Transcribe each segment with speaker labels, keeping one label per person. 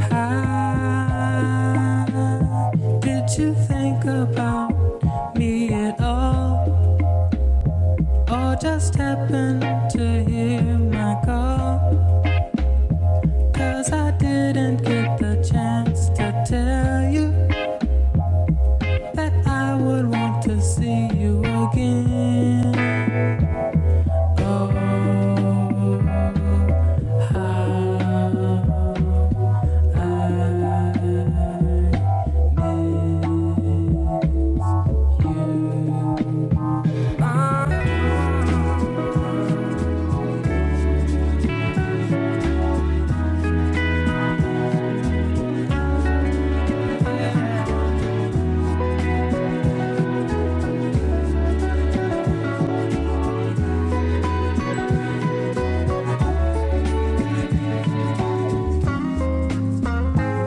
Speaker 1: How did you think about me at all? Or just happened to hear my call? 'Cause I didn't get the chance to tell you that I would want to see you again. Oh, how I did.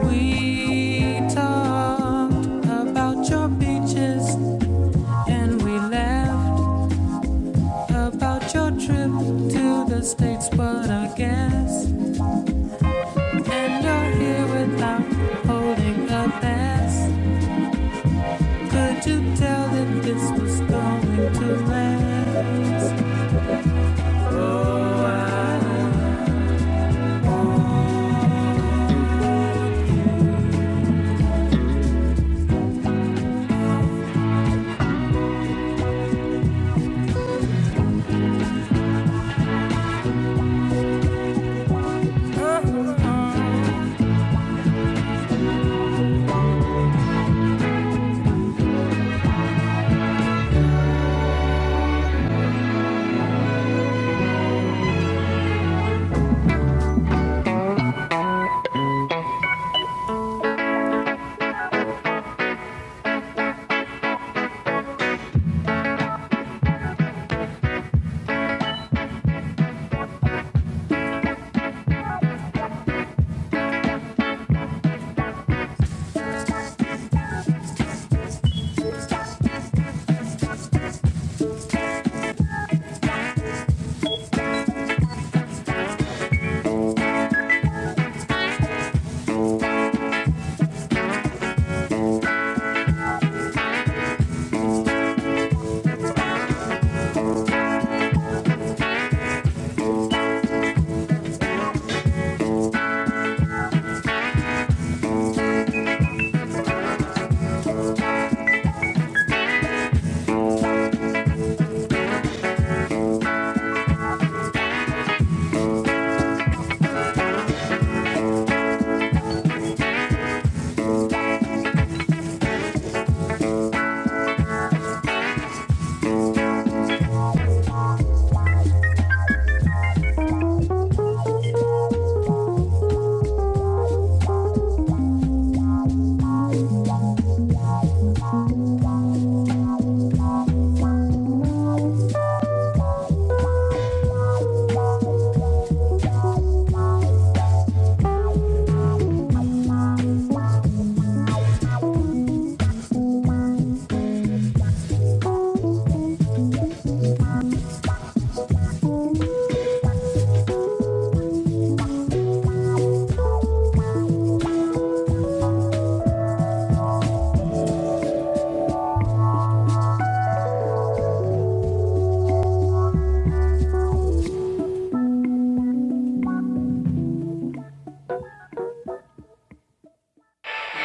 Speaker 1: We talked about your beaches and we laughed about your trip to the States, but I guess. And you're here without holding a pass. Could you tell that this was going to last?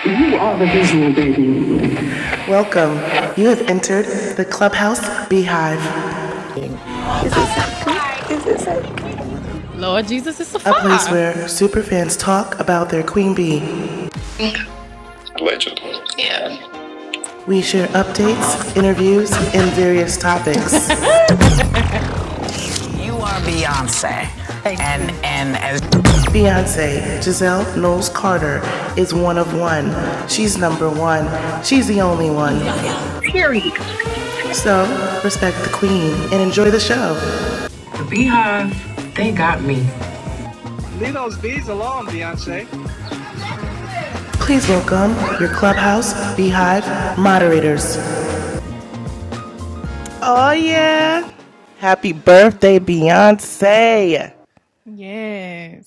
Speaker 1: You are the visual baby. Welcome. You have entered the Clubhouse Beehive, Lord Jesus, it's a a place where superfans talk about their queen bee. Legend. We share updates, interviews, and various topics. You are Beyonce. And and as Beyonce, Giselle Knowles Carter, is one of one. She's number one. She's the only one. So respect the queen and enjoy the show. The Beehive, they got me. Please welcome your clubhouse beehive moderators.
Speaker 2: Oh, yeah. Happy birthday, Beyonce.
Speaker 3: Yes.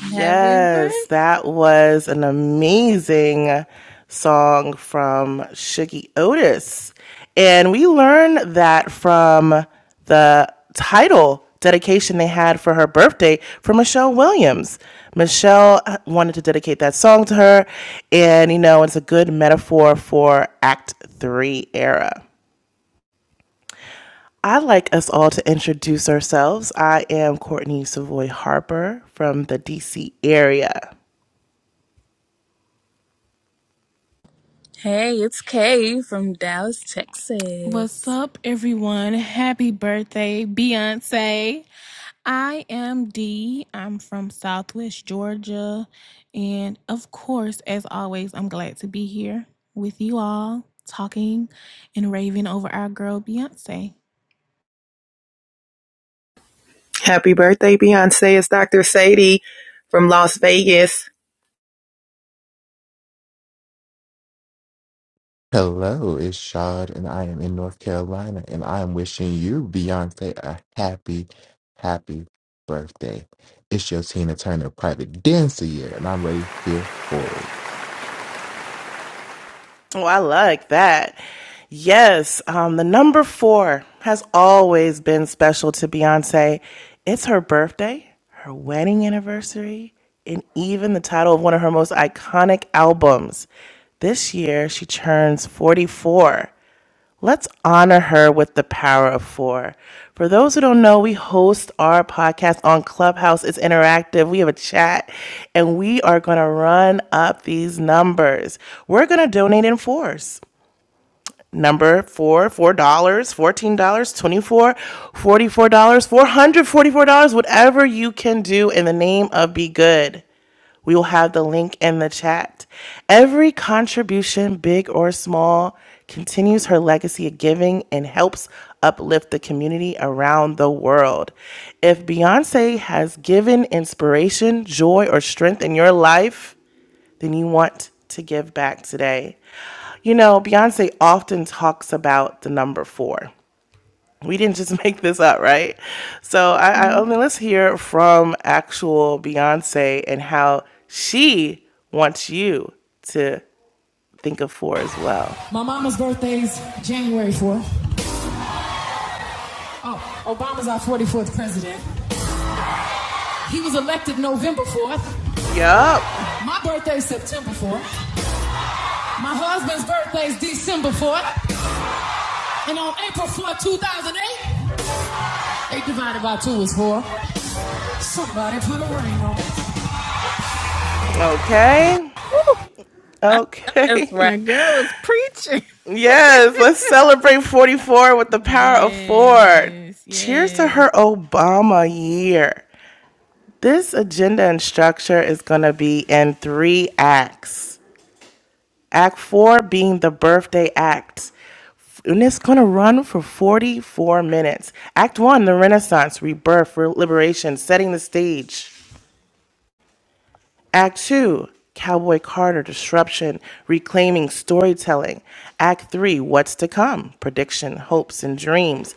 Speaker 4: Happy birthday.
Speaker 2: that was an amazing song from Shiggy Otis. And we learned that from the title dedication they had for her birthday for Michelle Williams. Michelle uh, wanted to dedicate that song to her. And, you know, it's a good metaphor for Act Three era. I'd like us all to introduce ourselves. I am Courtney Savoy Harper from the DC area.
Speaker 4: Hey, it's Kay from Dallas,
Speaker 3: What's
Speaker 4: Texas.
Speaker 3: up, everyone? Happy birthday, Beyonce. I am Dee. I'm from Southwest Georgia. And of course, as always, I'm glad to be here with you all, talking and raving over our girl, Beyonce.
Speaker 5: Happy birthday, Beyonce. It's Dr. Sadie from Las Vegas.
Speaker 6: Hello, it's Shad, and I am in North Carolina, and I am wishing you, Beyonce, a happy, happy birthday. It's your Tina Turner private dancer year, and I'm ready here for it.
Speaker 2: Oh, I like that. Yes, um, the number four has always been special to Beyonce. It's her birthday, her wedding anniversary, and even the title of one of her most iconic albums. This year, she turns 44. Let's honor her with the power of four. For those who don't know, we host our podcast on Clubhouse. It's interactive. We have a chat and we are going to run up these numbers. We're going to donate in fours. Number four, four dollars, fourteen dollars, twenty-four, dollars, forty-four dollars, four hundred forty-four dollars, whatever you can do in the name of Be Good. We will have the link in the chat. Every contribution, big or small, continues her legacy of giving and helps uplift the community around the world. If Beyonce has given inspiration, joy, or strength in your life, then you want to give back today. You know, Beyonce often talks about the number four. We didn't just make this up, right? So I, I I
Speaker 3: Nope.
Speaker 2: mean, let's hear from actual Beyonce and how she wants you to think of four as well.
Speaker 1: My mama's birthday's January 4th. Oh, Obama's our 44th president. He was elected November 4th.
Speaker 2: Yup.
Speaker 1: My birthday's September 4th. My husband's birthday's December 4th. And on April 4th, 2008, 8 eight divided by 2 is 4. Somebody put a ring on it.
Speaker 2: Okay.
Speaker 4: Woo! I know That's
Speaker 2: Okay.
Speaker 4: right.
Speaker 3: That girl is preaching.
Speaker 2: yes, let's celebrate 44 with the power of four.
Speaker 3: Yes.
Speaker 2: Cheers to
Speaker 3: Yes.
Speaker 2: her Obama year. This agenda and structure is going to be in three acts. Act four being the birthday act. And it's going to run for 44 minutes. Act one, the Renaissance, rebirth, liberation, setting the stage. Act two, Cowboy Carter disruption, reclaiming storytelling. Act three, what's to come, prediction, hopes, and dreams.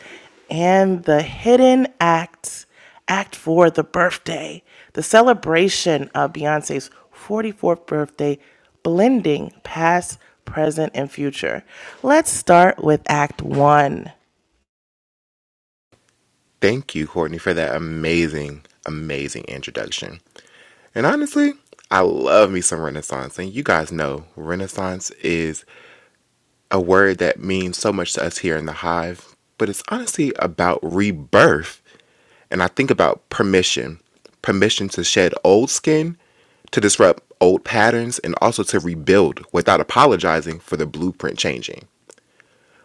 Speaker 2: And the hidden act, act four, the birthday, the celebration of Beyonce's 44th birthday, blending past, present, and future. Let's start with act one.
Speaker 6: Thank you, Courtney, for that amazing, amazing introduction. And honestly, I love me some Renaissance. And you guys know Renaissance is a word that means so much to us here in the Hive, but it's honestly about rebirth And I think about permission permission to shed old skin, to disrupt old patterns, and also to rebuild without apologizing for the blueprint changing.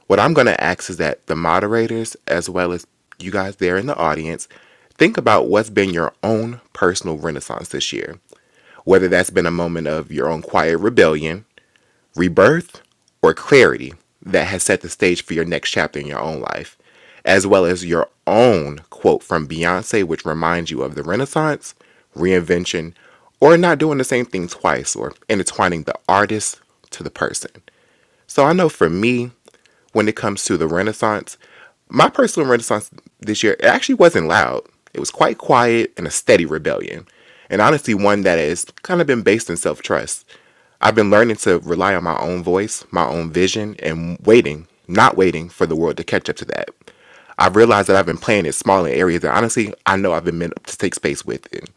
Speaker 6: What I'm going to ask is that the moderators, as well as you guys there in the audience, think about what's been your own personal renaissance this year. Whether that's been a moment of your own quiet rebellion, rebirth, or clarity that has set the stage for your next chapter in your own life, as well as your own quote from Beyonce, which reminds you of the Renaissance, reinvention, or not doing the same thing twice, or intertwining the artist to the person. So I know for me, when it comes to the Renaissance. My personal Renaissance this year, it actually wasn't loud. It was quite quiet and a steady rebellion. And honestly, one that has kind of been based in self trust. I've been learning to rely on my own voice, my own vision, and waiting, not waiting for the world to catch up to that. I've realized that I've been playing it small in areas that honestly I know I've been meant to take space with it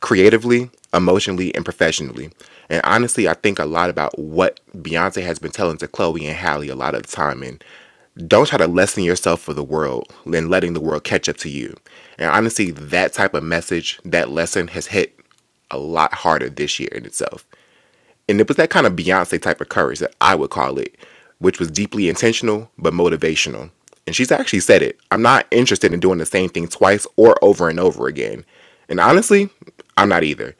Speaker 6: creatively, emotionally, and professionally. And honestly, I think a lot about what Beyonce has been telling to Chloe and Halle a lot of the time. And don't try to lessen yourself for the world than letting the world catch up to you. And honestly, that type of message, that lesson has hit a lot harder this year in itself and it was that kind of Beyonce type of courage that I would call it, which was deeply intentional but motivational. And she's actually said it. I'm not interested in doing the same thing twice or over and over again. And honestly, I'm not either.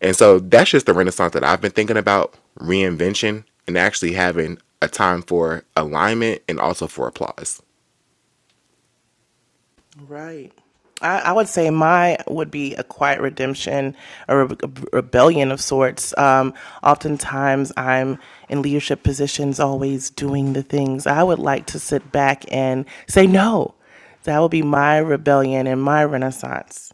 Speaker 6: And so that's just the renaissance that I've been thinking about reinvention and actually having a time for alignment and also for applause.
Speaker 2: Right. I, I would say my would be a quiet redemption, a, re- a rebellion of sorts. Um, oftentimes, I'm in leadership positions, always doing the things. I would like to sit back and say no. That would be my rebellion and my renaissance.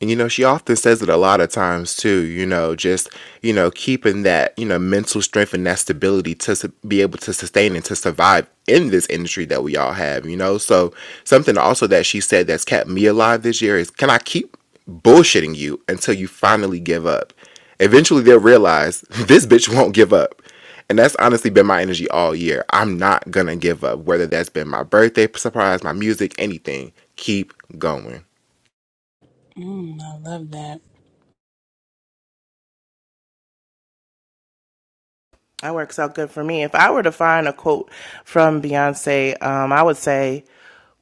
Speaker 6: And you know, she often says it a lot of times too, you know, just, you know, keeping that, you know, mental strength and that stability to su- be able to sustain and to survive in this industry that we all have, you know. So, something also that she said that's kept me alive this year is can I keep bullshitting you until you finally give up? Eventually, they'll realize this bitch won't give up. And that's honestly been my energy all year. I'm not gonna give up, whether that's been my birthday surprise, my music, anything. Keep going.
Speaker 4: Mm, I love that.
Speaker 2: That works out good for me. If I were to find a quote from Beyonce, um, I would say,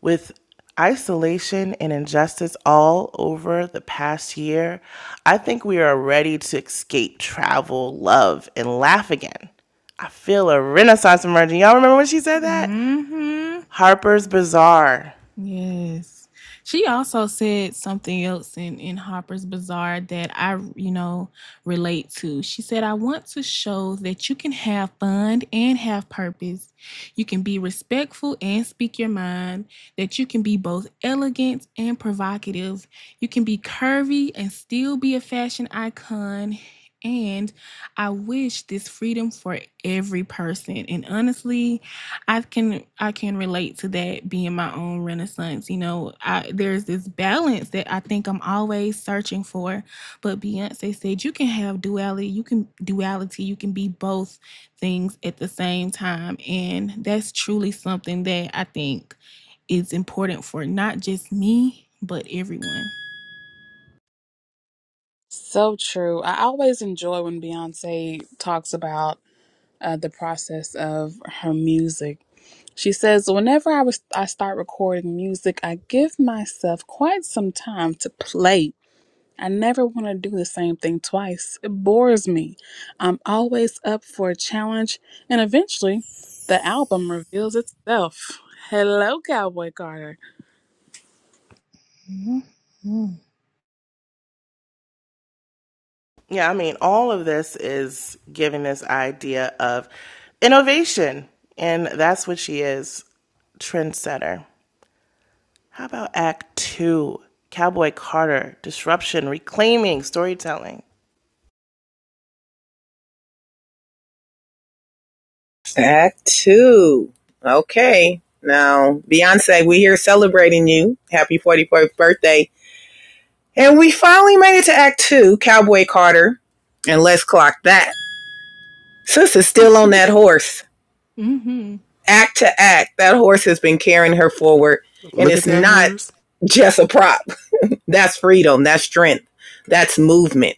Speaker 2: with isolation and injustice all over the past year, I think we are ready to escape, travel, love, and laugh again. I feel a renaissance emerging. Y'all remember when she said that?
Speaker 3: Mm-hmm.
Speaker 2: Harper's Bazaar.
Speaker 3: Yes. She also said something else in, in Harper's Bazaar that I, you know, relate to. She said, I want to show that you can have fun and have purpose. You can be respectful and speak your mind. That you can be both elegant and provocative. You can be curvy and still be a fashion icon. And I wish this freedom for every person. And honestly, I can I can relate to that being my own renaissance. You know, I, there's this balance that I think I'm always searching for. But Beyonce said you can have duality, you can duality, you can be both things at the same time, and that's truly something that I think is important for not just me but everyone.
Speaker 4: So true. I always enjoy when Beyonce talks about uh, the process of her music. She says, Whenever I, was, I start recording music, I give myself quite some time to play I never want to do the same thing twice. It bores me. I'm always up for a challenge, and eventually, the album reveals itself. Hello, Cowboy Carter.
Speaker 3: Mm-hmm.
Speaker 2: Yeah, I mean, all of this is giving this idea of innovation, and that's what she is trendsetter. How about Act Two? Cowboy Carter, disruption, reclaiming, storytelling.
Speaker 5: Act two. Okay. Now, Beyonce, we here celebrating you. Happy 44th birthday. And we finally made it to Act two, Cowboy Carter. And let's clock that. Sis is still on that horse.
Speaker 3: Mm-hmm.
Speaker 5: Act to act, that horse has been carrying her forward. And
Speaker 6: Look at
Speaker 5: it's
Speaker 6: that
Speaker 5: not
Speaker 6: horse.
Speaker 5: just a prop. That's freedom. That's strength. That's movement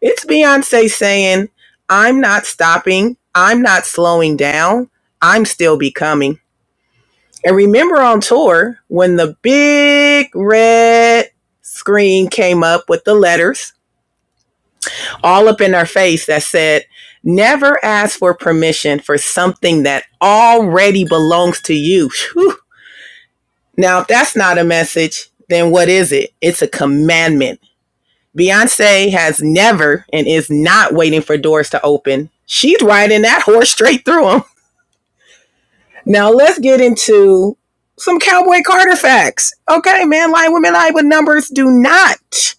Speaker 5: It's Beyonce saying, I'm not stopping, I'm not slowing down, I'm still becoming. And remember on tour when the big red screen came up with the letters all up in our face that said, Never ask for permission for something that already belongs to you. Whew. Now, if that's not a message, then what is it? It's a commandment Beyonce has never and is not waiting for doors to open. She's riding that horse straight through them. Now let's get into some Cowboy Carter facts. Okay, man, lie, women lie, but numbers do not.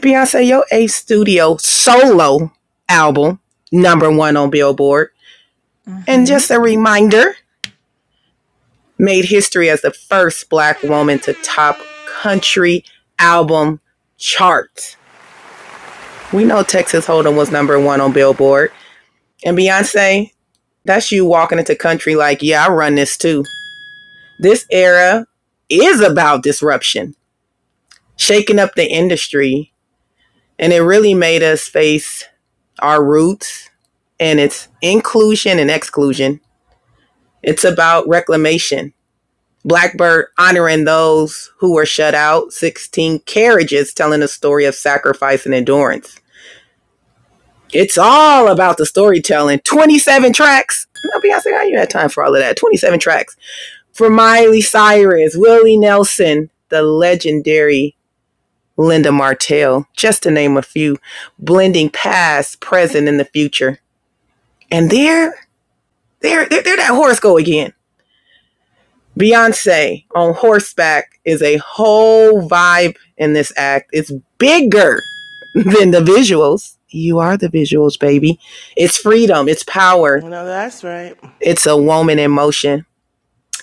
Speaker 5: Beyonce, your A studio solo album, number one on Billboard.
Speaker 3: Uh
Speaker 5: And
Speaker 3: huh.
Speaker 5: just a reminder, made history as the first black woman to top country album chart. We know Texas Hold'em was number one on Billboard. And Beyonce, that's you walking into country like, yeah, I run this too. This era is about disruption, shaking up the industry. And it really made us face our roots and it's inclusion and exclusion. It's about reclamation. Blackbird honoring those who were shut out, 16 carriages telling a story of sacrifice and endurance. It's all about the storytelling. 27 tracks. No, Beyonce, how you had time for all of that? 27 tracks for Miley Cyrus, Willie Nelson, the legendary Linda Martell, just to name a few, blending past, present, and the future. And there, there, there, there that horse go again. Beyonce on horseback is a whole vibe in this act. It's bigger than the visuals. You are the visuals, baby. It's freedom, it's power,
Speaker 2: You know, that's right.
Speaker 5: it's a woman in motion.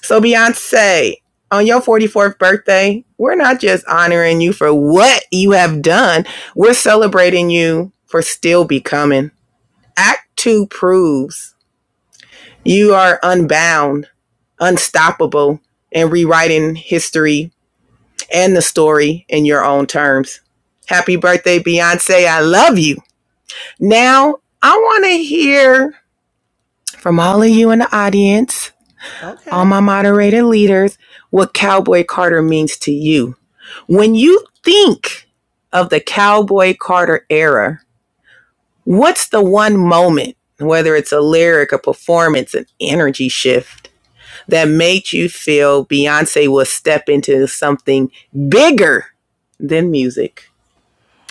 Speaker 5: So, Beyonce, on your 44th birthday, we're not just honoring you for what you have done, we're celebrating you for still becoming. Act two proves you are unbound, unstoppable, and rewriting history and the story in your own terms. Happy birthday, Beyonce. I love you. Now, I want to hear from all of you in the audience, all
Speaker 2: Okay.
Speaker 5: my moderated leaders, what Cowboy Carter means to you When you think of the Cowboy Carter era, what's the one moment, whether it's a lyric, a performance, an energy shift, that made you feel Beyonce will step into something bigger than music?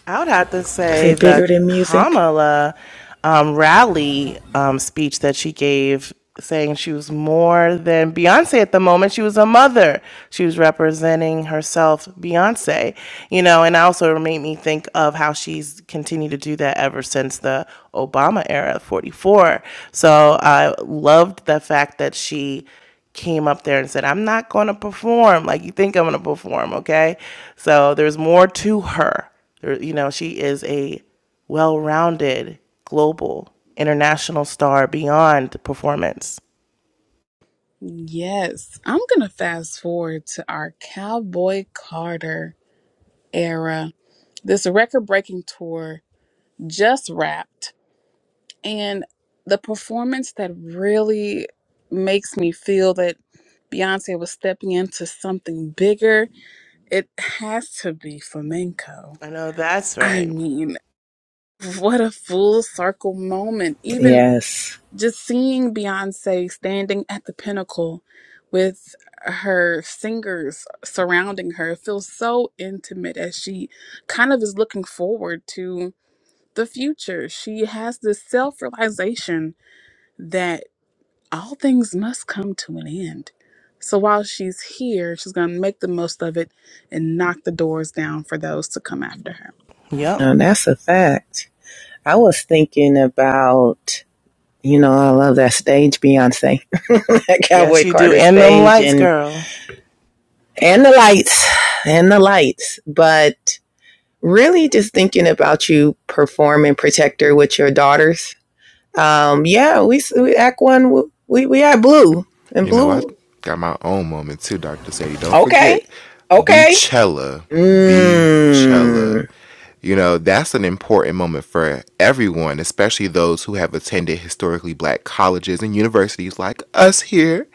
Speaker 2: I would have to
Speaker 5: Is
Speaker 2: say
Speaker 5: it bigger
Speaker 2: the
Speaker 5: than music?
Speaker 2: Kamala um, rally um, speech that she gave, saying she was more than Beyonce at the moment. She was a mother. She was representing herself, Beyonce, you know, and also made me think of how she's continued to do that ever since the Obama era, 44. So I loved the fact that she came up there and said, I'm not going to perform like you think I'm going to perform, okay? So there's more to her you know, she is a well rounded, global, international star beyond performance.
Speaker 4: Yes, I'm going to fast forward to our Cowboy Carter era. This record breaking tour just wrapped, and the performance that really makes me feel that Beyonce was stepping into something bigger It has to be flamenco.
Speaker 2: I know that's
Speaker 4: I
Speaker 2: right.
Speaker 4: mean, what a full circle moment. Even
Speaker 5: Yes.
Speaker 4: just seeing Beyonce standing at the pinnacle with her singers surrounding her it feels so intimate as she kind of is looking forward to the future. She has this self realization that all things must come to an end. So while she's here, she's going to make the most of it and knock the doors down for those to come after her.
Speaker 2: Yep.
Speaker 5: And that's a fact. I was thinking about, you know, I love that stage, Beyonce, that Cowboy
Speaker 2: Yes, you do.
Speaker 5: Carter
Speaker 2: And them
Speaker 5: stage.
Speaker 2: lights,
Speaker 5: And
Speaker 2: girl.
Speaker 5: and the lights and the lights but really just thinking about you perform performing protector with your daughters um yeah we, we act one we we had blue and
Speaker 6: You know, I
Speaker 5: blue
Speaker 6: got my own moment too, Dr. Sadie. Don't
Speaker 5: okay
Speaker 6: forget,
Speaker 5: okay
Speaker 6: Beachella, Beachella.
Speaker 5: mm,
Speaker 6: You know, that's an important moment for everyone, especially those who have attended historically black colleges and universities like us here.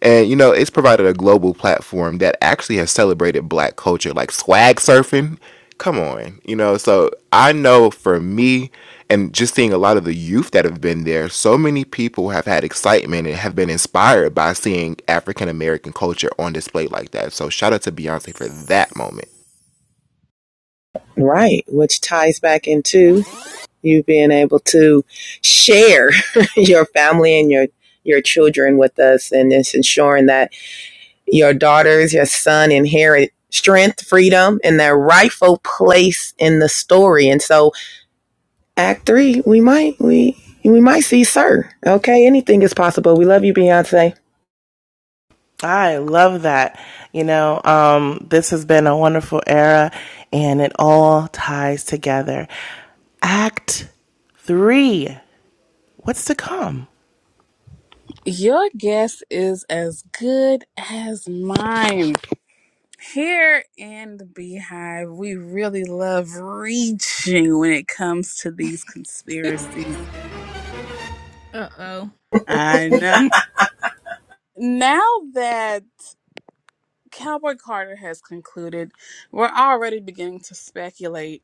Speaker 6: And, you know, it's provided a global platform that actually has celebrated black culture, like swag surfing come on you know so i know for me and just seeing a lot of the youth that have been there so many people have had excitement and have been inspired by seeing african american culture on display like that so shout out to beyonce for that moment
Speaker 5: right which ties back into you being able to share your family and your your children with us and it's ensuring that your daughters, your son inherit strength, freedom, and their rightful place in the story. And so, Act Three, we might we we might see Sir. Okay, anything is possible. We love you, Beyonce.
Speaker 2: I love that. You know, um, this has been a wonderful era and it all ties together. Act three. What's to come?
Speaker 4: Your guess is as good as mine. Here in the Beehive, we really love reaching when it comes to these conspiracies.
Speaker 3: Uh oh.
Speaker 4: I know. Now that Cowboy Carter has concluded, we're already beginning to speculate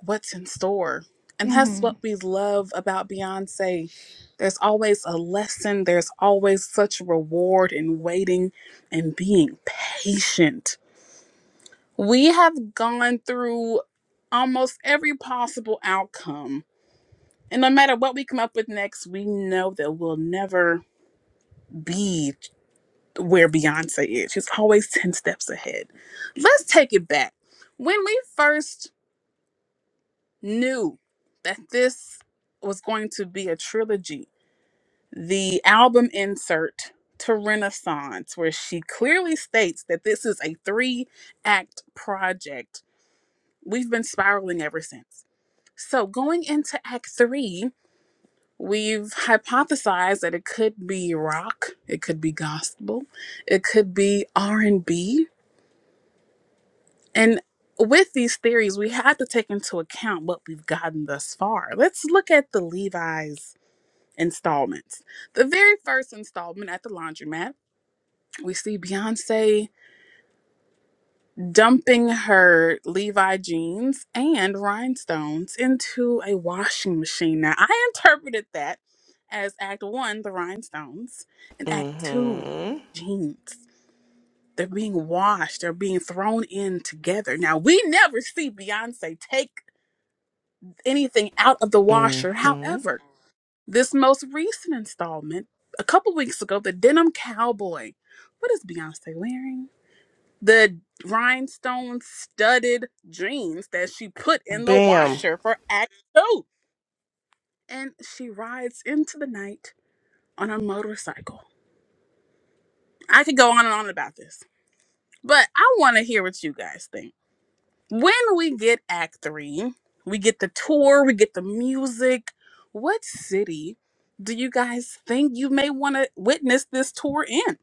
Speaker 4: what's in store. And that's
Speaker 3: Mm-hmm.
Speaker 4: what we love about Beyonce. There's always a lesson, there's always such reward in waiting and being patient. We have gone through almost every possible outcome. And no matter what we come up with next, we know that we'll never be where Beyonce is. She's always 10 steps ahead. Let's take it back. When we first knew that this was going to be a trilogy. The album insert to Renaissance, where she clearly states that this is a three act project. We've been spiraling ever since. So, going into act three, we've hypothesized that it could be rock, it could be gospel, it could be R&B, and B. And with these theories, we had to take into account what we've gotten thus far. Let's look at the Levi's installments. The very first installment at the laundromat, we see Beyonce dumping her Levi jeans and rhinestones into a washing machine. Now, I interpreted that as Act One, the rhinestones, and Act Two,
Speaker 2: Mm-hmm.
Speaker 4: the jeans. They're being washed, they're being thrown in together. Now, we never see Beyonce take anything out of the washer.
Speaker 2: Mm-hmm.
Speaker 4: However, This most recent installment, a couple weeks ago, the Denim Cowboy. What is Beyonce wearing? The rhinestone studded jeans that she put in the
Speaker 2: Bam.
Speaker 4: washer for Act Two. And she rides into the night on a motorcycle. I could go on and on about this, but I want to hear what you guys think. When we get Act Three, we get the tour, we get the music. What city do you guys think you may want to witness this tour in?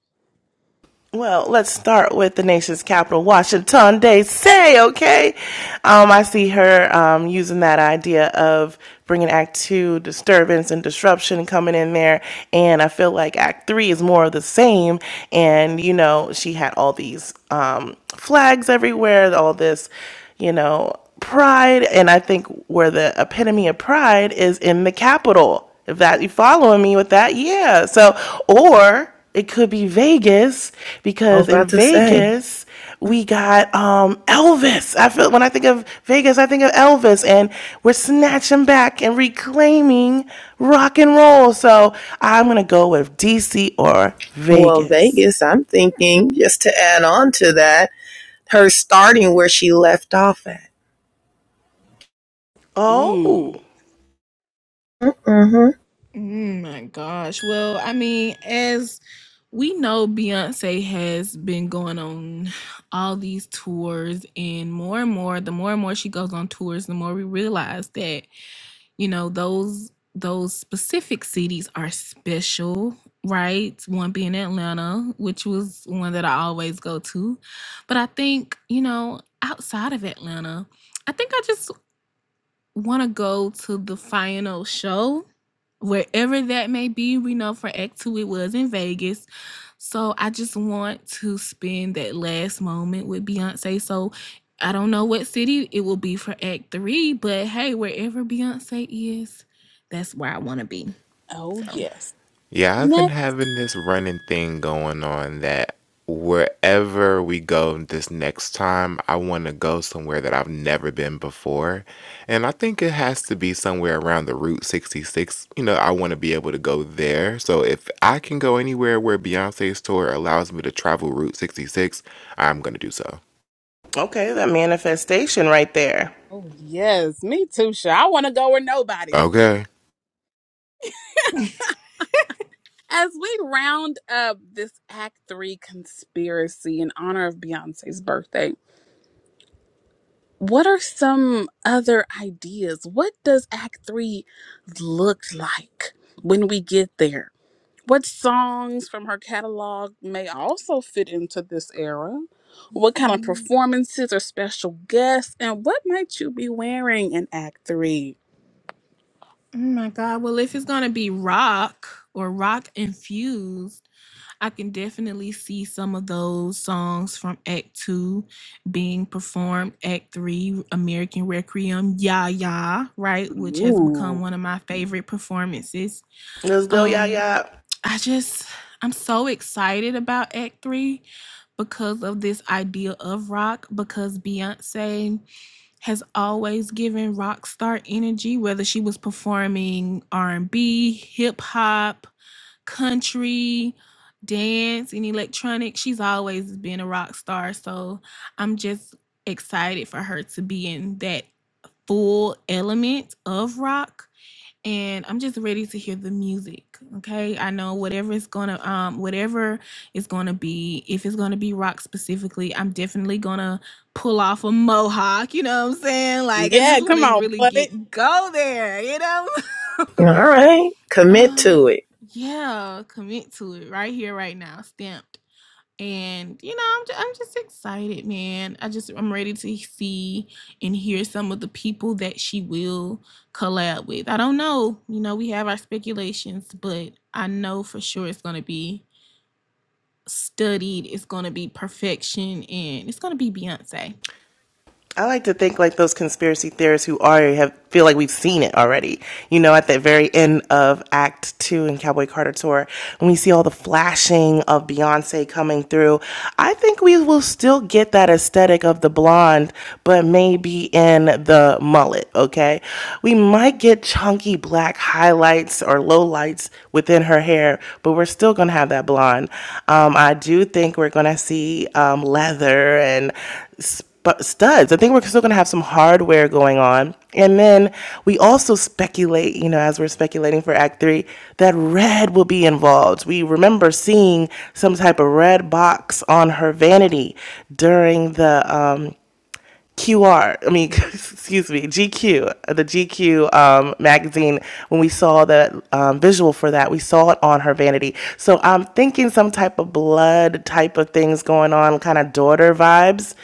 Speaker 2: Well, let's start with the nation's capital, Washington,
Speaker 4: Hey.
Speaker 2: D.C., okay? Um, I see her um, using that idea of bringing Act Two disturbance and disruption coming in there. And I feel like Act Three is more of the same. And, you know, she had all these um, flags everywhere, all this, you know, pride. And I think where the epitome of pride is in the Capitol. If that you following me with that, yeah. So or it could be Vegas
Speaker 5: I was
Speaker 2: because in
Speaker 5: about to say,
Speaker 2: Vegas we got um Elvis. I feel when I think of Vegas, I think of Elvis and we're snatching back and reclaiming rock and roll. So I'm gonna go with DC or
Speaker 5: well,
Speaker 2: Vegas.
Speaker 5: Vegas. I'm thinking just to add on to that, her starting where she left off at.
Speaker 2: Oh,
Speaker 4: Mm.
Speaker 5: Mm-hmm.
Speaker 3: Mm, my gosh. Well, I mean, as we know, Beyonce has been going on all these tours, and more and more, the more and more she goes on tours, the more we realize that, you know, those those specific cities are special, right? One being Atlanta, which was one that I always go to. But I think, you know, outside of Atlanta, I think I just want to go to the final show, wherever that may be. We know for Act Two it was in Vegas. So I just want to spend that last moment with Beyonce. So I don't know what city it will be for Act Three, but hey, wherever Beyonce is, that's where I want to be.
Speaker 4: Oh
Speaker 3: So.
Speaker 4: yes.
Speaker 6: Yeah, I've been
Speaker 4: Next.
Speaker 6: having this running thing going on that wherever we go this next time, I want to go somewhere that I've never been before. And I think it has to be somewhere around the Route 66. You know, I want to be able to go there. So if I can go anywhere where Beyonce's tour allows me to travel Route 66, I'm going to do so.
Speaker 2: okay, that manifestation right there.
Speaker 4: Oh yes. Me too, sure. I want to go where nobody's been.
Speaker 6: Okay.
Speaker 4: As we round up this Act Three conspiracy in honor of Beyonce's birthday, what are some other ideas? What does Act Three look like when we get there? What songs from her catalog may also fit into this era? What kind of
Speaker 3: Mm.
Speaker 4: performances or special guests? And what might you be wearing in Act Three?
Speaker 3: Oh my God. Well, if it's going to be rock or rock infused, I can definitely see some of those songs from Act Two being performed. Act Three, American Requiem, Ya Ya, right, which has become
Speaker 4: Ooh.
Speaker 3: one of my favorite performances.
Speaker 2: Let's go, y'all,
Speaker 3: Um,
Speaker 2: y'all.
Speaker 3: I just, I'm so excited about Act Three because of this idea of rock. Because Beyonce has always given rock star energy, whether she was performing R and B, hip hop country, dance, and electronic. She's always been a rock star. So I'm just excited for her to be in that full element of rock. And I'm just ready to hear the music. Okay. I know whatever it's gonna um whatever it's gonna be, if it's gonna be rock specifically, I'm definitely gonna pull off a mohawk, you know what I'm saying? Like I
Speaker 4: Yeah,
Speaker 3: just
Speaker 4: come
Speaker 3: wanna
Speaker 4: on,
Speaker 3: really
Speaker 4: buddy.
Speaker 3: get go there, you know?
Speaker 5: All right, commit
Speaker 3: Uh,
Speaker 5: to it.
Speaker 3: yeah, commit to it right here, right now, stamped. And you know, I'm just, I'm just excited, man. I just I'm ready to see and hear some of the people that she will collab with. I don't know, you know, we have our speculations, but I know for sure it's gonna be studied. It's gonna be perfection, and it's gonna be Beyonce.
Speaker 2: I like to think like those conspiracy theorists who already have feel like we've seen it already. You know, at the very end of Act Two in Cowboy Carter tour, when we see all the flashing of Beyonce coming through, I think we will still get that aesthetic of the blonde, but maybe in the mullet. Okay, we might get chunky black highlights or low lights within her hair, but we're still gonna have that blonde. Um, I do think we're gonna see um, leather and sp- studs. I think we're still going to have some hardware going on. And then we also speculate, you know, as we're speculating for Act Three, that red will be involved. We remember seeing some type of red box on her vanity during the. Um, Q R, I mean, excuse me, GQ, the GQ um, magazine, when we saw the um, visual for that, we saw it on her vanity. So I'm thinking some type of blood type of things going on, kind of daughter vibes,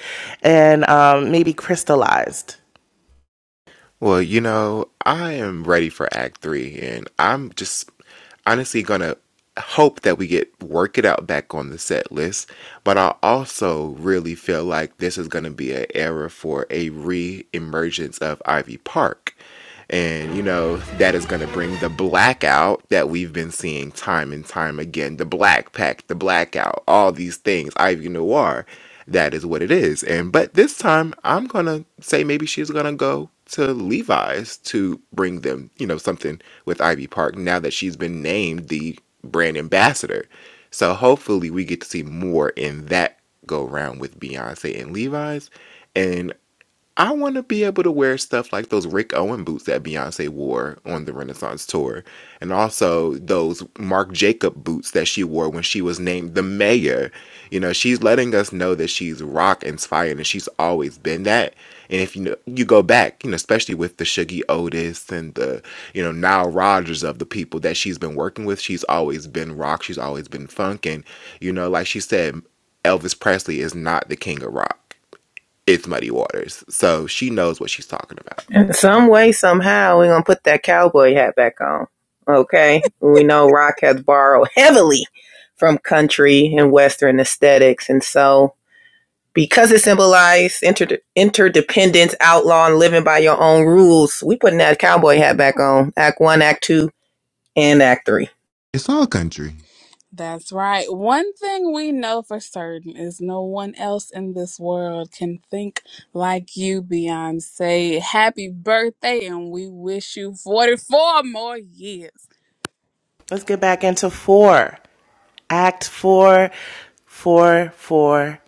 Speaker 2: and um, maybe crystallized.
Speaker 6: Well, you know, I am ready for Act Three, and I'm just honestly gonna hope that we get Work It Out back on the set list. But I also really feel like this is gonna be an era for a re emergence of Ivy Park. And, you know, that is going to bring the blackout that we've been seeing time and time again the black pack, the blackout, all these things, Ivy Noir. That is what it is. And, but this time, I'm going to say maybe she's going to go to Levi's to bring them, you know, something with Ivy Park now that she's been named the brand ambassador. So hopefully we get to see more in that go round with Beyonce and Levi's. And I want to be able to wear stuff like those Rick Owen boots that Beyonce wore on the Renaissance tour, and also those Marc Jacobs boots that she wore when she was named the mayor. You know, she's letting us know that she's rock inspired, and she's always been that. And if you know, you go back, you know, especially with the Shuggy Otis and the you know Nile Rodgers of the people that she's been working with, she's always been rock. She's always been funk, and you know, like she said, Elvis Presley is not the king of rock it's muddy waters. So she knows what she's talking about.
Speaker 5: In some way, somehow, we're gonna put that cowboy hat back on. Okay? We know rock has borrowed heavily from country and western aesthetics, and so because it symbolized inter- interdependence, outlaw, and living by your own rules, we putting that cowboy hat back on. Act one, act two, and act three.
Speaker 4: That's right. One thing we know for certain is no one else in this world can think like you, Beyonce. Happy birthday, and we wish you 44 more years.
Speaker 2: Let's get back into four. Act four, four, four,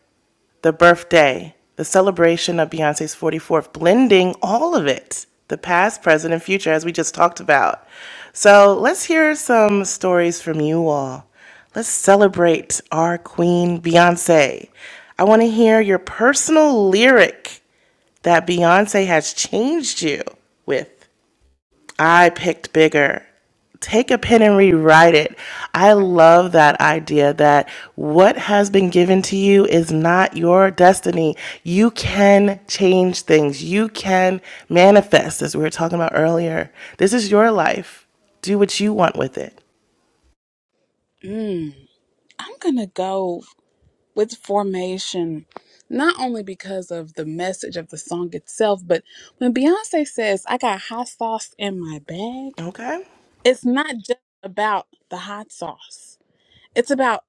Speaker 2: the birthday, the celebration of Beyonce's 44th, blending all of it the past, present, and future, as we just talked about. So let's hear some stories from you all. Let's celebrate our queen, Beyonce. I want to hear your personal lyric that Beyonce has changed you with. I picked bigger. Take a pen and rewrite it. I love that idea that what has been given to you is not your destiny. You can change things, you can manifest, as we were talking about earlier. This is your life. Do what you want with it.
Speaker 4: Mm, I'm gonna go. with formation not only because of the message of the song itself but when beyonce says i got hot sauce in my bag
Speaker 2: Okay?
Speaker 4: it's not just about the hot sauce it's about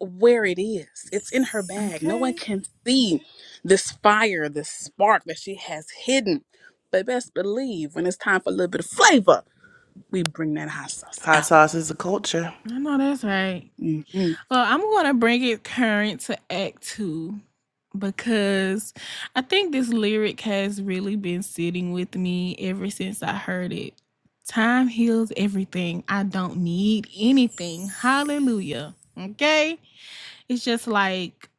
Speaker 4: where it is it's in her bag no one
Speaker 3: Okay,
Speaker 4: can see this fire this spark that she has hidden but best believe when it's time for a little bit of flavor we bring that hot sauce
Speaker 2: Hot
Speaker 4: out
Speaker 2: sauce is a culture.
Speaker 3: I know that's right.
Speaker 4: Mhm.
Speaker 3: Well, I'm going to bring it current to Act Two because I think this lyric has really been sitting with me ever since I heard it. Time heals everything. I don't need anything. Hallelujah. Okay. It's just like,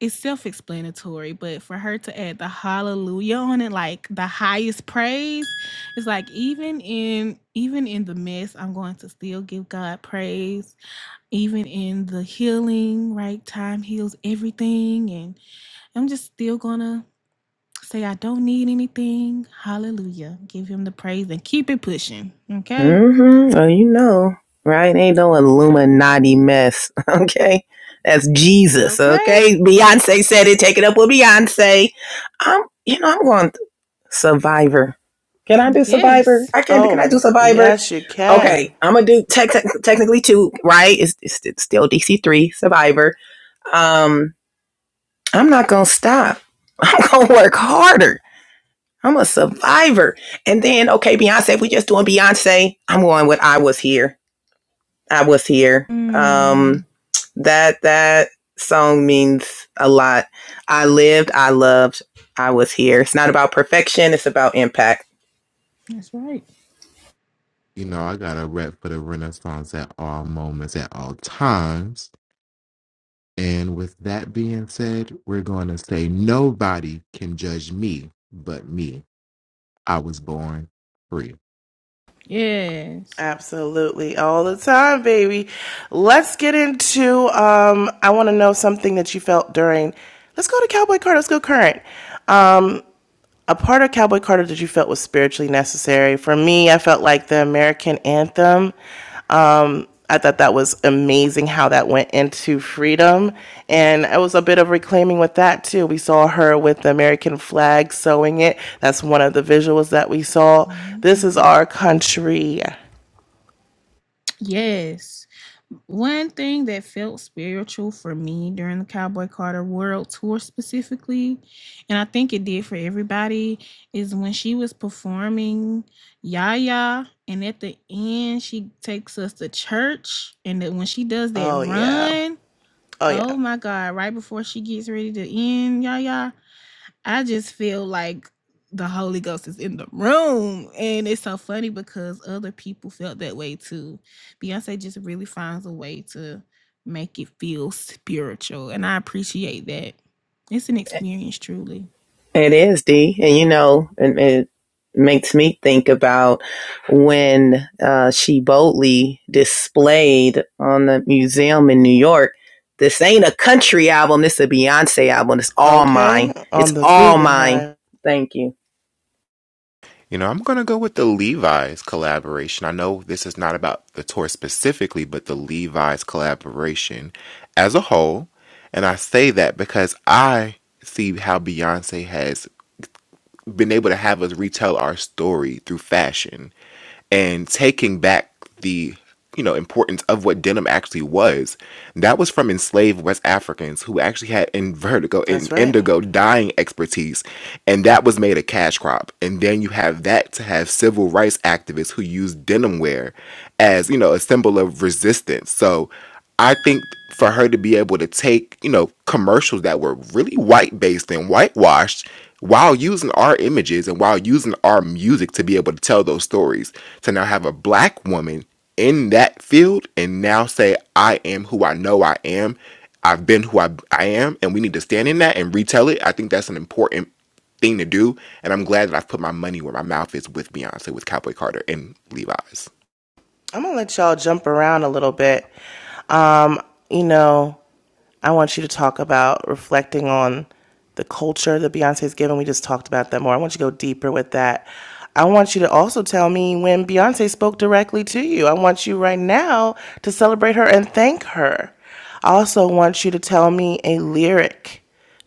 Speaker 3: it's self explanatory, but for her to add the hallelujah on it, like the highest praise, it's like even in even in the mess, I'm going to still give God praise even in the healing, right? Time heals everything. And I'm just still going to say, I don't need anything. Hallelujah. Give him the praise and keep it pushing. Okay.
Speaker 5: Mm-hmm. So you know, right? Ain't no Illuminati mess. Okay. That's Jesus.
Speaker 3: Okay.
Speaker 5: Okay. Beyonce said it. Take it up with Beyonce. I'm, you know, I'm going. Survivor. Can I do Survivor?
Speaker 3: Yes.
Speaker 5: I can't. Can I do
Speaker 2: Oh,
Speaker 5: Survivor?
Speaker 2: yes, you
Speaker 5: Okay,
Speaker 2: can.
Speaker 5: I'm gonna do tech tech- technically two. Right? It's, it's it's still DC three Survivor. Um, I'm not gonna stop. I'm gonna work harder. I'm a survivor. And then okay, Beyonce. If we just doing Beyonce, I'm going with I was here. I was here. Um,
Speaker 3: Mm,
Speaker 5: that that song means a lot. I lived. I loved. I was here. It's not about perfection. It's about impact.
Speaker 3: that's right.
Speaker 6: You know, I got a rep for the Renaissance at all moments, at all times. And with that being said, we're going to say nobody can judge me but me. I was born free.
Speaker 3: Yes.
Speaker 2: Absolutely, all the time, baby. Let's get into. Um, I want to know something that you felt during. Let's go to Cowboy Carter. Let's go current. Um, a part of Cowboy Carter that you felt was spiritually necessary. For me, I felt like the American anthem. Um, I thought that was amazing how that went into freedom. And it was a bit of reclaiming with that too. We saw her with the American flag sewing it. That's one of the visuals that we saw. This is
Speaker 3: Mm-hmm.
Speaker 2: our country.
Speaker 3: Yes. One thing that felt spiritual for me during the Cowboy Carter World Tour specifically, and I think it did for everybody, is when she was performing Yaya, and at the end she takes us to church, and that when she does that
Speaker 2: Oh yeah.
Speaker 3: run,
Speaker 2: Oh
Speaker 3: oh
Speaker 2: yeah.
Speaker 3: my God! Right before she gets ready to end Yaya, I just feel like the Holy Ghost is in the room. And it's so funny because other people felt that way too. Beyonce just really finds a way to make it feel spiritual. And I appreciate that. It's an experience, truly.
Speaker 5: It is D, and you know, and it makes me think about when uh, she boldly displayed on the museum in New York. This ain't a country album. This is a Beyonce album. It's all
Speaker 2: Okay.
Speaker 5: mine. It's
Speaker 2: On the
Speaker 5: all mine.
Speaker 2: Guggenheim.
Speaker 5: Thank you.
Speaker 6: You know, I'm going to go with the Levi's collaboration. I know this is not about the tour specifically, but the Levi's collaboration as a whole. And I say that because I see how Beyonce has been able to have us retell our story through fashion and taking back the you know importance of what denim actually was that was from enslaved west africans who actually had in vertigo
Speaker 2: That's
Speaker 6: and
Speaker 2: right.
Speaker 6: indigo dyeing expertise and that was made a cash crop and then you have that to have civil rights activists who use denim wear as you know a symbol of resistance so I think for her to be able to take, you know, commercials that were really white based and whitewashed while using our images and while using our music to be able to tell those stories, to now have a black woman in that field and now say, I am who I know I am. I've been who I, I am, and we need to stand in that and retell it. I think that's an important thing to do. And I'm glad that I've put my money where my mouth is with Beyonce, with Cowboy Carter, and Levi's.
Speaker 2: I'm gonna let y'all jump around a little bit. Um, you know, I want you to talk about reflecting on the culture that Beyonce's given. We just talked about that more. I want you to go deeper with that. I want you to also tell me when Beyonce spoke directly to you. I want you right now to celebrate her and thank her. I also want you to tell me a lyric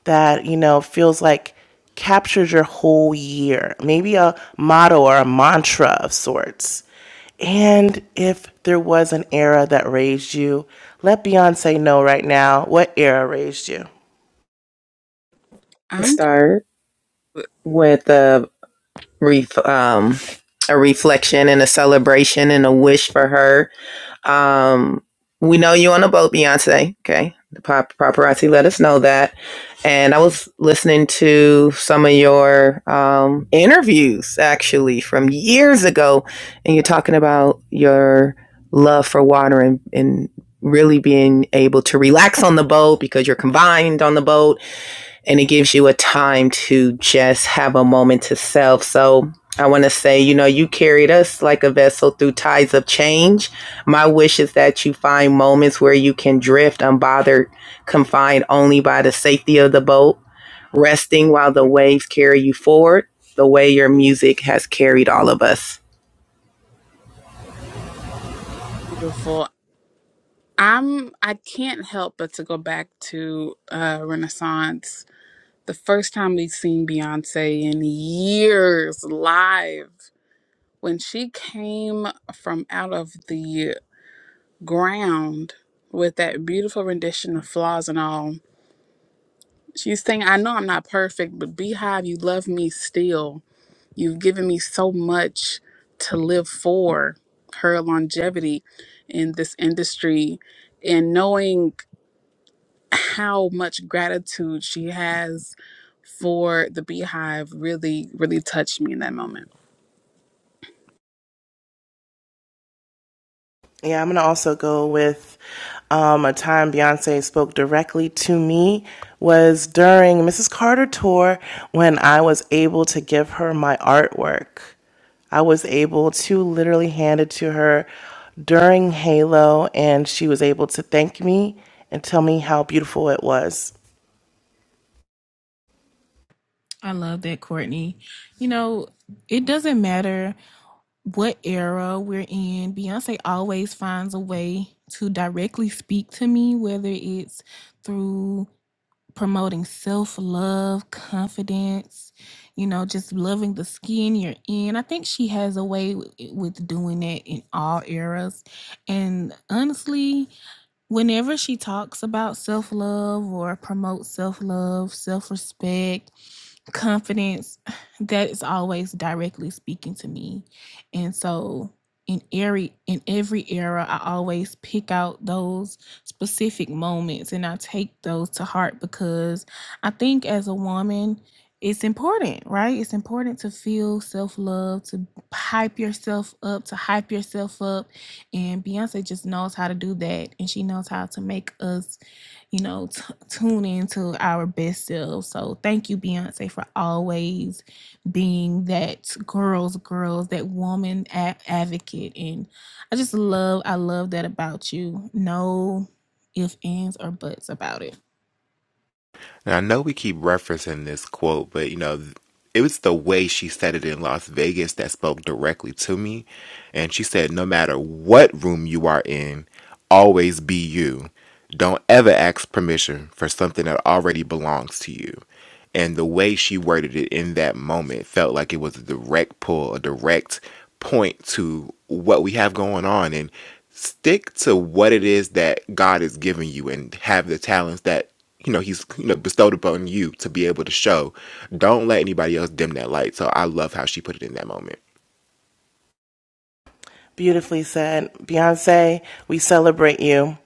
Speaker 2: that you know feels like captures your whole year maybe a motto or a mantra of sorts and if there was an era that raised you let beyonce know right now what era raised you
Speaker 4: i'm
Speaker 5: Start
Speaker 4: good
Speaker 5: with a ref- um, a reflection and a celebration and a wish for her Um, we know you on a boat, Beyonce. Okay. The pap- paparazzi let us know that. And I was listening to some of your um, interviews actually from years ago. And you're talking about your love for water and, and really being able to relax on the boat because you're confined on the boat and it gives you a time to just have a moment to self. So I want to say, you know, you carried us like a vessel through tides of change. My wish is that you find moments where you can drift unbothered, confined only by the safety of the boat, resting while the waves carry you forward, the way your music has carried all of us.
Speaker 4: beautiful I'm I can't help but to go back to uh Renaissance. The first time we've seen Beyonce in years live when she came from out of the ground with that beautiful rendition of flaws and all. She's saying, I know I'm not perfect, but Beehive, you love me still. You've given me so much to live for. Her longevity in this industry and knowing how much gratitude she has for the beehive really, really touched me in that moment.
Speaker 2: yeah i'm gonna also go with um, a time beyonce spoke directly to me was during mrs carter tour when i was able to give her my artwork I was able to literally hand it to her during Halo, and she was able to thank me and tell me how beautiful it was.
Speaker 3: I love that, Courtney. You know, it doesn't matter what era we're in, Beyonce always finds a way to directly speak to me, whether it's through promoting self love, confidence, you know, just loving the skin you're in. I think she has a way w- with doing it in all eras. And honestly, whenever she talks about self love or promotes self love, self respect, confidence that is always directly speaking to me and so in every in every era i always pick out those specific moments and i take those to heart because i think as a woman it's important right it's important to feel self-love to hype yourself up to hype yourself up and beyonce just knows how to do that and she knows how to make us you know, t- tune into our best selves. So thank you, Beyonce, for always being that girl's girls, that woman a- advocate. And I just love, I love that about you. No if ands, or buts about it.
Speaker 6: Now, I know we keep referencing this quote, but you know, it was the way she said it in Las Vegas that spoke directly to me. And she said, No matter what room you are in, always be you. Don't ever ask permission for something that already belongs to you. And the way she worded it in that moment felt like it was a direct pull, a direct point to what we have going on. And stick to what it is that God has given you and have the talents that you know he's you know bestowed upon you to be able to show don't let anybody else dim that light so i love how she put it in that moment
Speaker 2: Beautifully said, Beyonce, we celebrate you.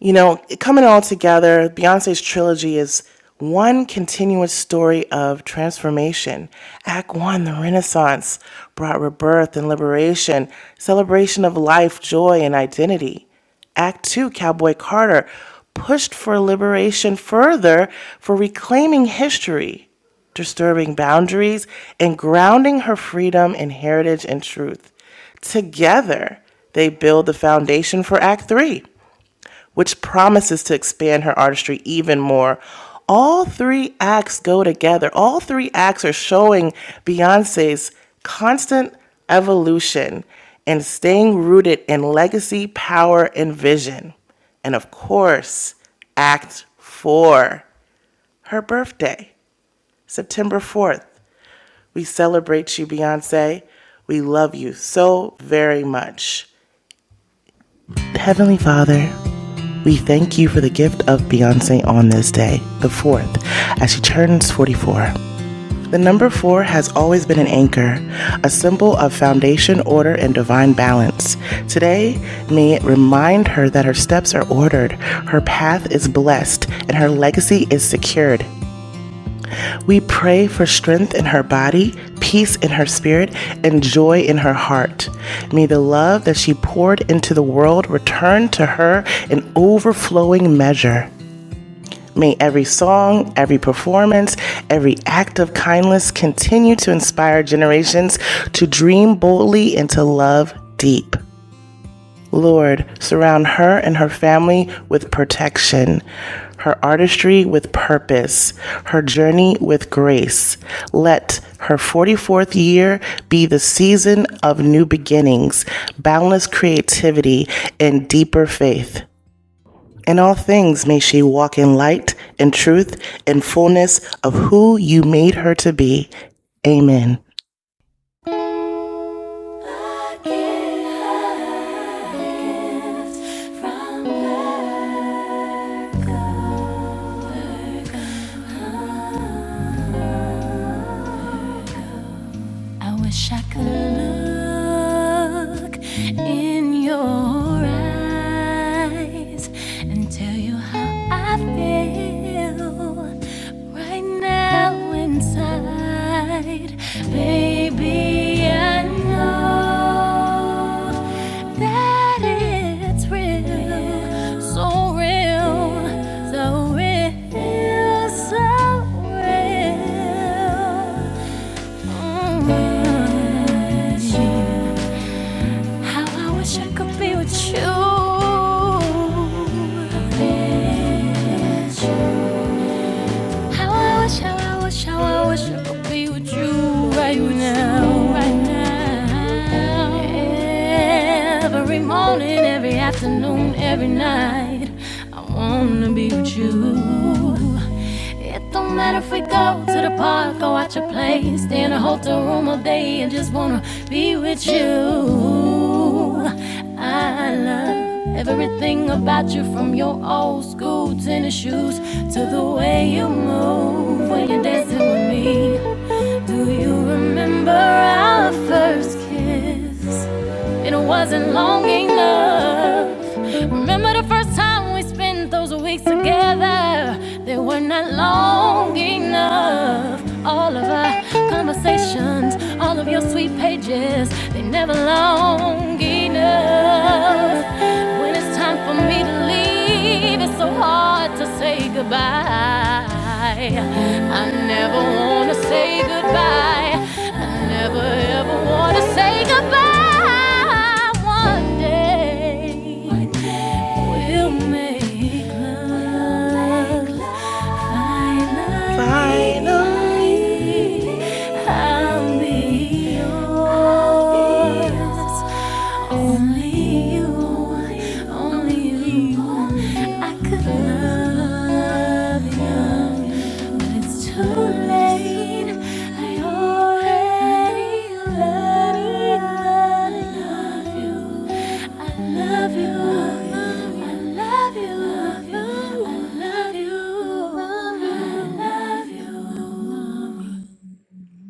Speaker 2: You know, coming all together, Beyonce's trilogy is one continuous story of transformation. Act one, the Renaissance, brought rebirth and liberation, celebration of life, joy, and identity. Act two, Cowboy Carter, pushed for liberation further for reclaiming history, disturbing boundaries, and grounding her freedom in heritage and truth. Together, they build the foundation for Act Three which promises to expand her artistry even more. All three acts go together. All three acts are showing Beyonce's constant evolution and staying rooted in legacy, power, and vision. And of course, Act Four, her birthday, September 4th. We celebrate you, Beyonce. We love you so very much.
Speaker 1: Heavenly Father, we thank you for the gift of Beyonce on this day, the 4th, as she turns 44. The number four has always been an anchor, a symbol of foundation, order, and divine balance. Today, may it remind her that her steps are ordered, her path is blessed, and her legacy is secured. We pray for strength in her body, peace in her spirit, and joy in her heart. May the love that she poured into the world return to her in overflowing measure. May every song, every performance, every act of kindness continue to inspire generations to dream boldly and to love deep. Lord, surround her and her family with protection, her artistry with purpose, her journey with grace. Let her 44th year be the season of new beginnings, boundless creativity, and deeper faith. In all things, may she walk in light and truth and fullness of who you made her to be. Amen. From I wish I could look in your eyes and tell you how I feel right now inside. Baby, I know that it's real, so real, so real, so real. Mm-hmm. how I wish I could be with you. how I wish, how I wish, how I wish I could be with you right now, right Every morning, every afternoon, every night. I wanna be with you. And if we go to the go out your place, stay in a hotel room all day and just wanna be with you. love about you from your old school tennis shoes to the way you move when you're dancing with me. Do you remember our first kiss? and It wasn't long enough. Remember the first time we spent those weeks together? They were not long enough. All of our conversations, all of your sweet pages, they never long enough. When it's time for me to leave leave, it's so hard to say goodbye. I never wanna say goodbye. I never ever wanna say goodbye. One day we'll make love.
Speaker 2: Finally.
Speaker 1: Finally, I'll be yours. Only you, only
Speaker 3: Only
Speaker 1: you.
Speaker 3: you.
Speaker 1: I could
Speaker 3: I can
Speaker 1: love you,
Speaker 3: love
Speaker 1: but
Speaker 3: you,
Speaker 1: it's too
Speaker 3: but it's
Speaker 1: late.
Speaker 3: too
Speaker 1: I
Speaker 3: late. I
Speaker 1: already
Speaker 3: already
Speaker 1: love
Speaker 3: love
Speaker 1: you.
Speaker 3: you.
Speaker 1: I love
Speaker 3: I
Speaker 1: you.
Speaker 3: love
Speaker 1: I
Speaker 3: you.
Speaker 1: love you.
Speaker 3: I
Speaker 1: I
Speaker 3: love you.
Speaker 1: love
Speaker 3: I
Speaker 1: you.
Speaker 3: love
Speaker 1: I love
Speaker 3: you. I love
Speaker 1: you.
Speaker 3: you.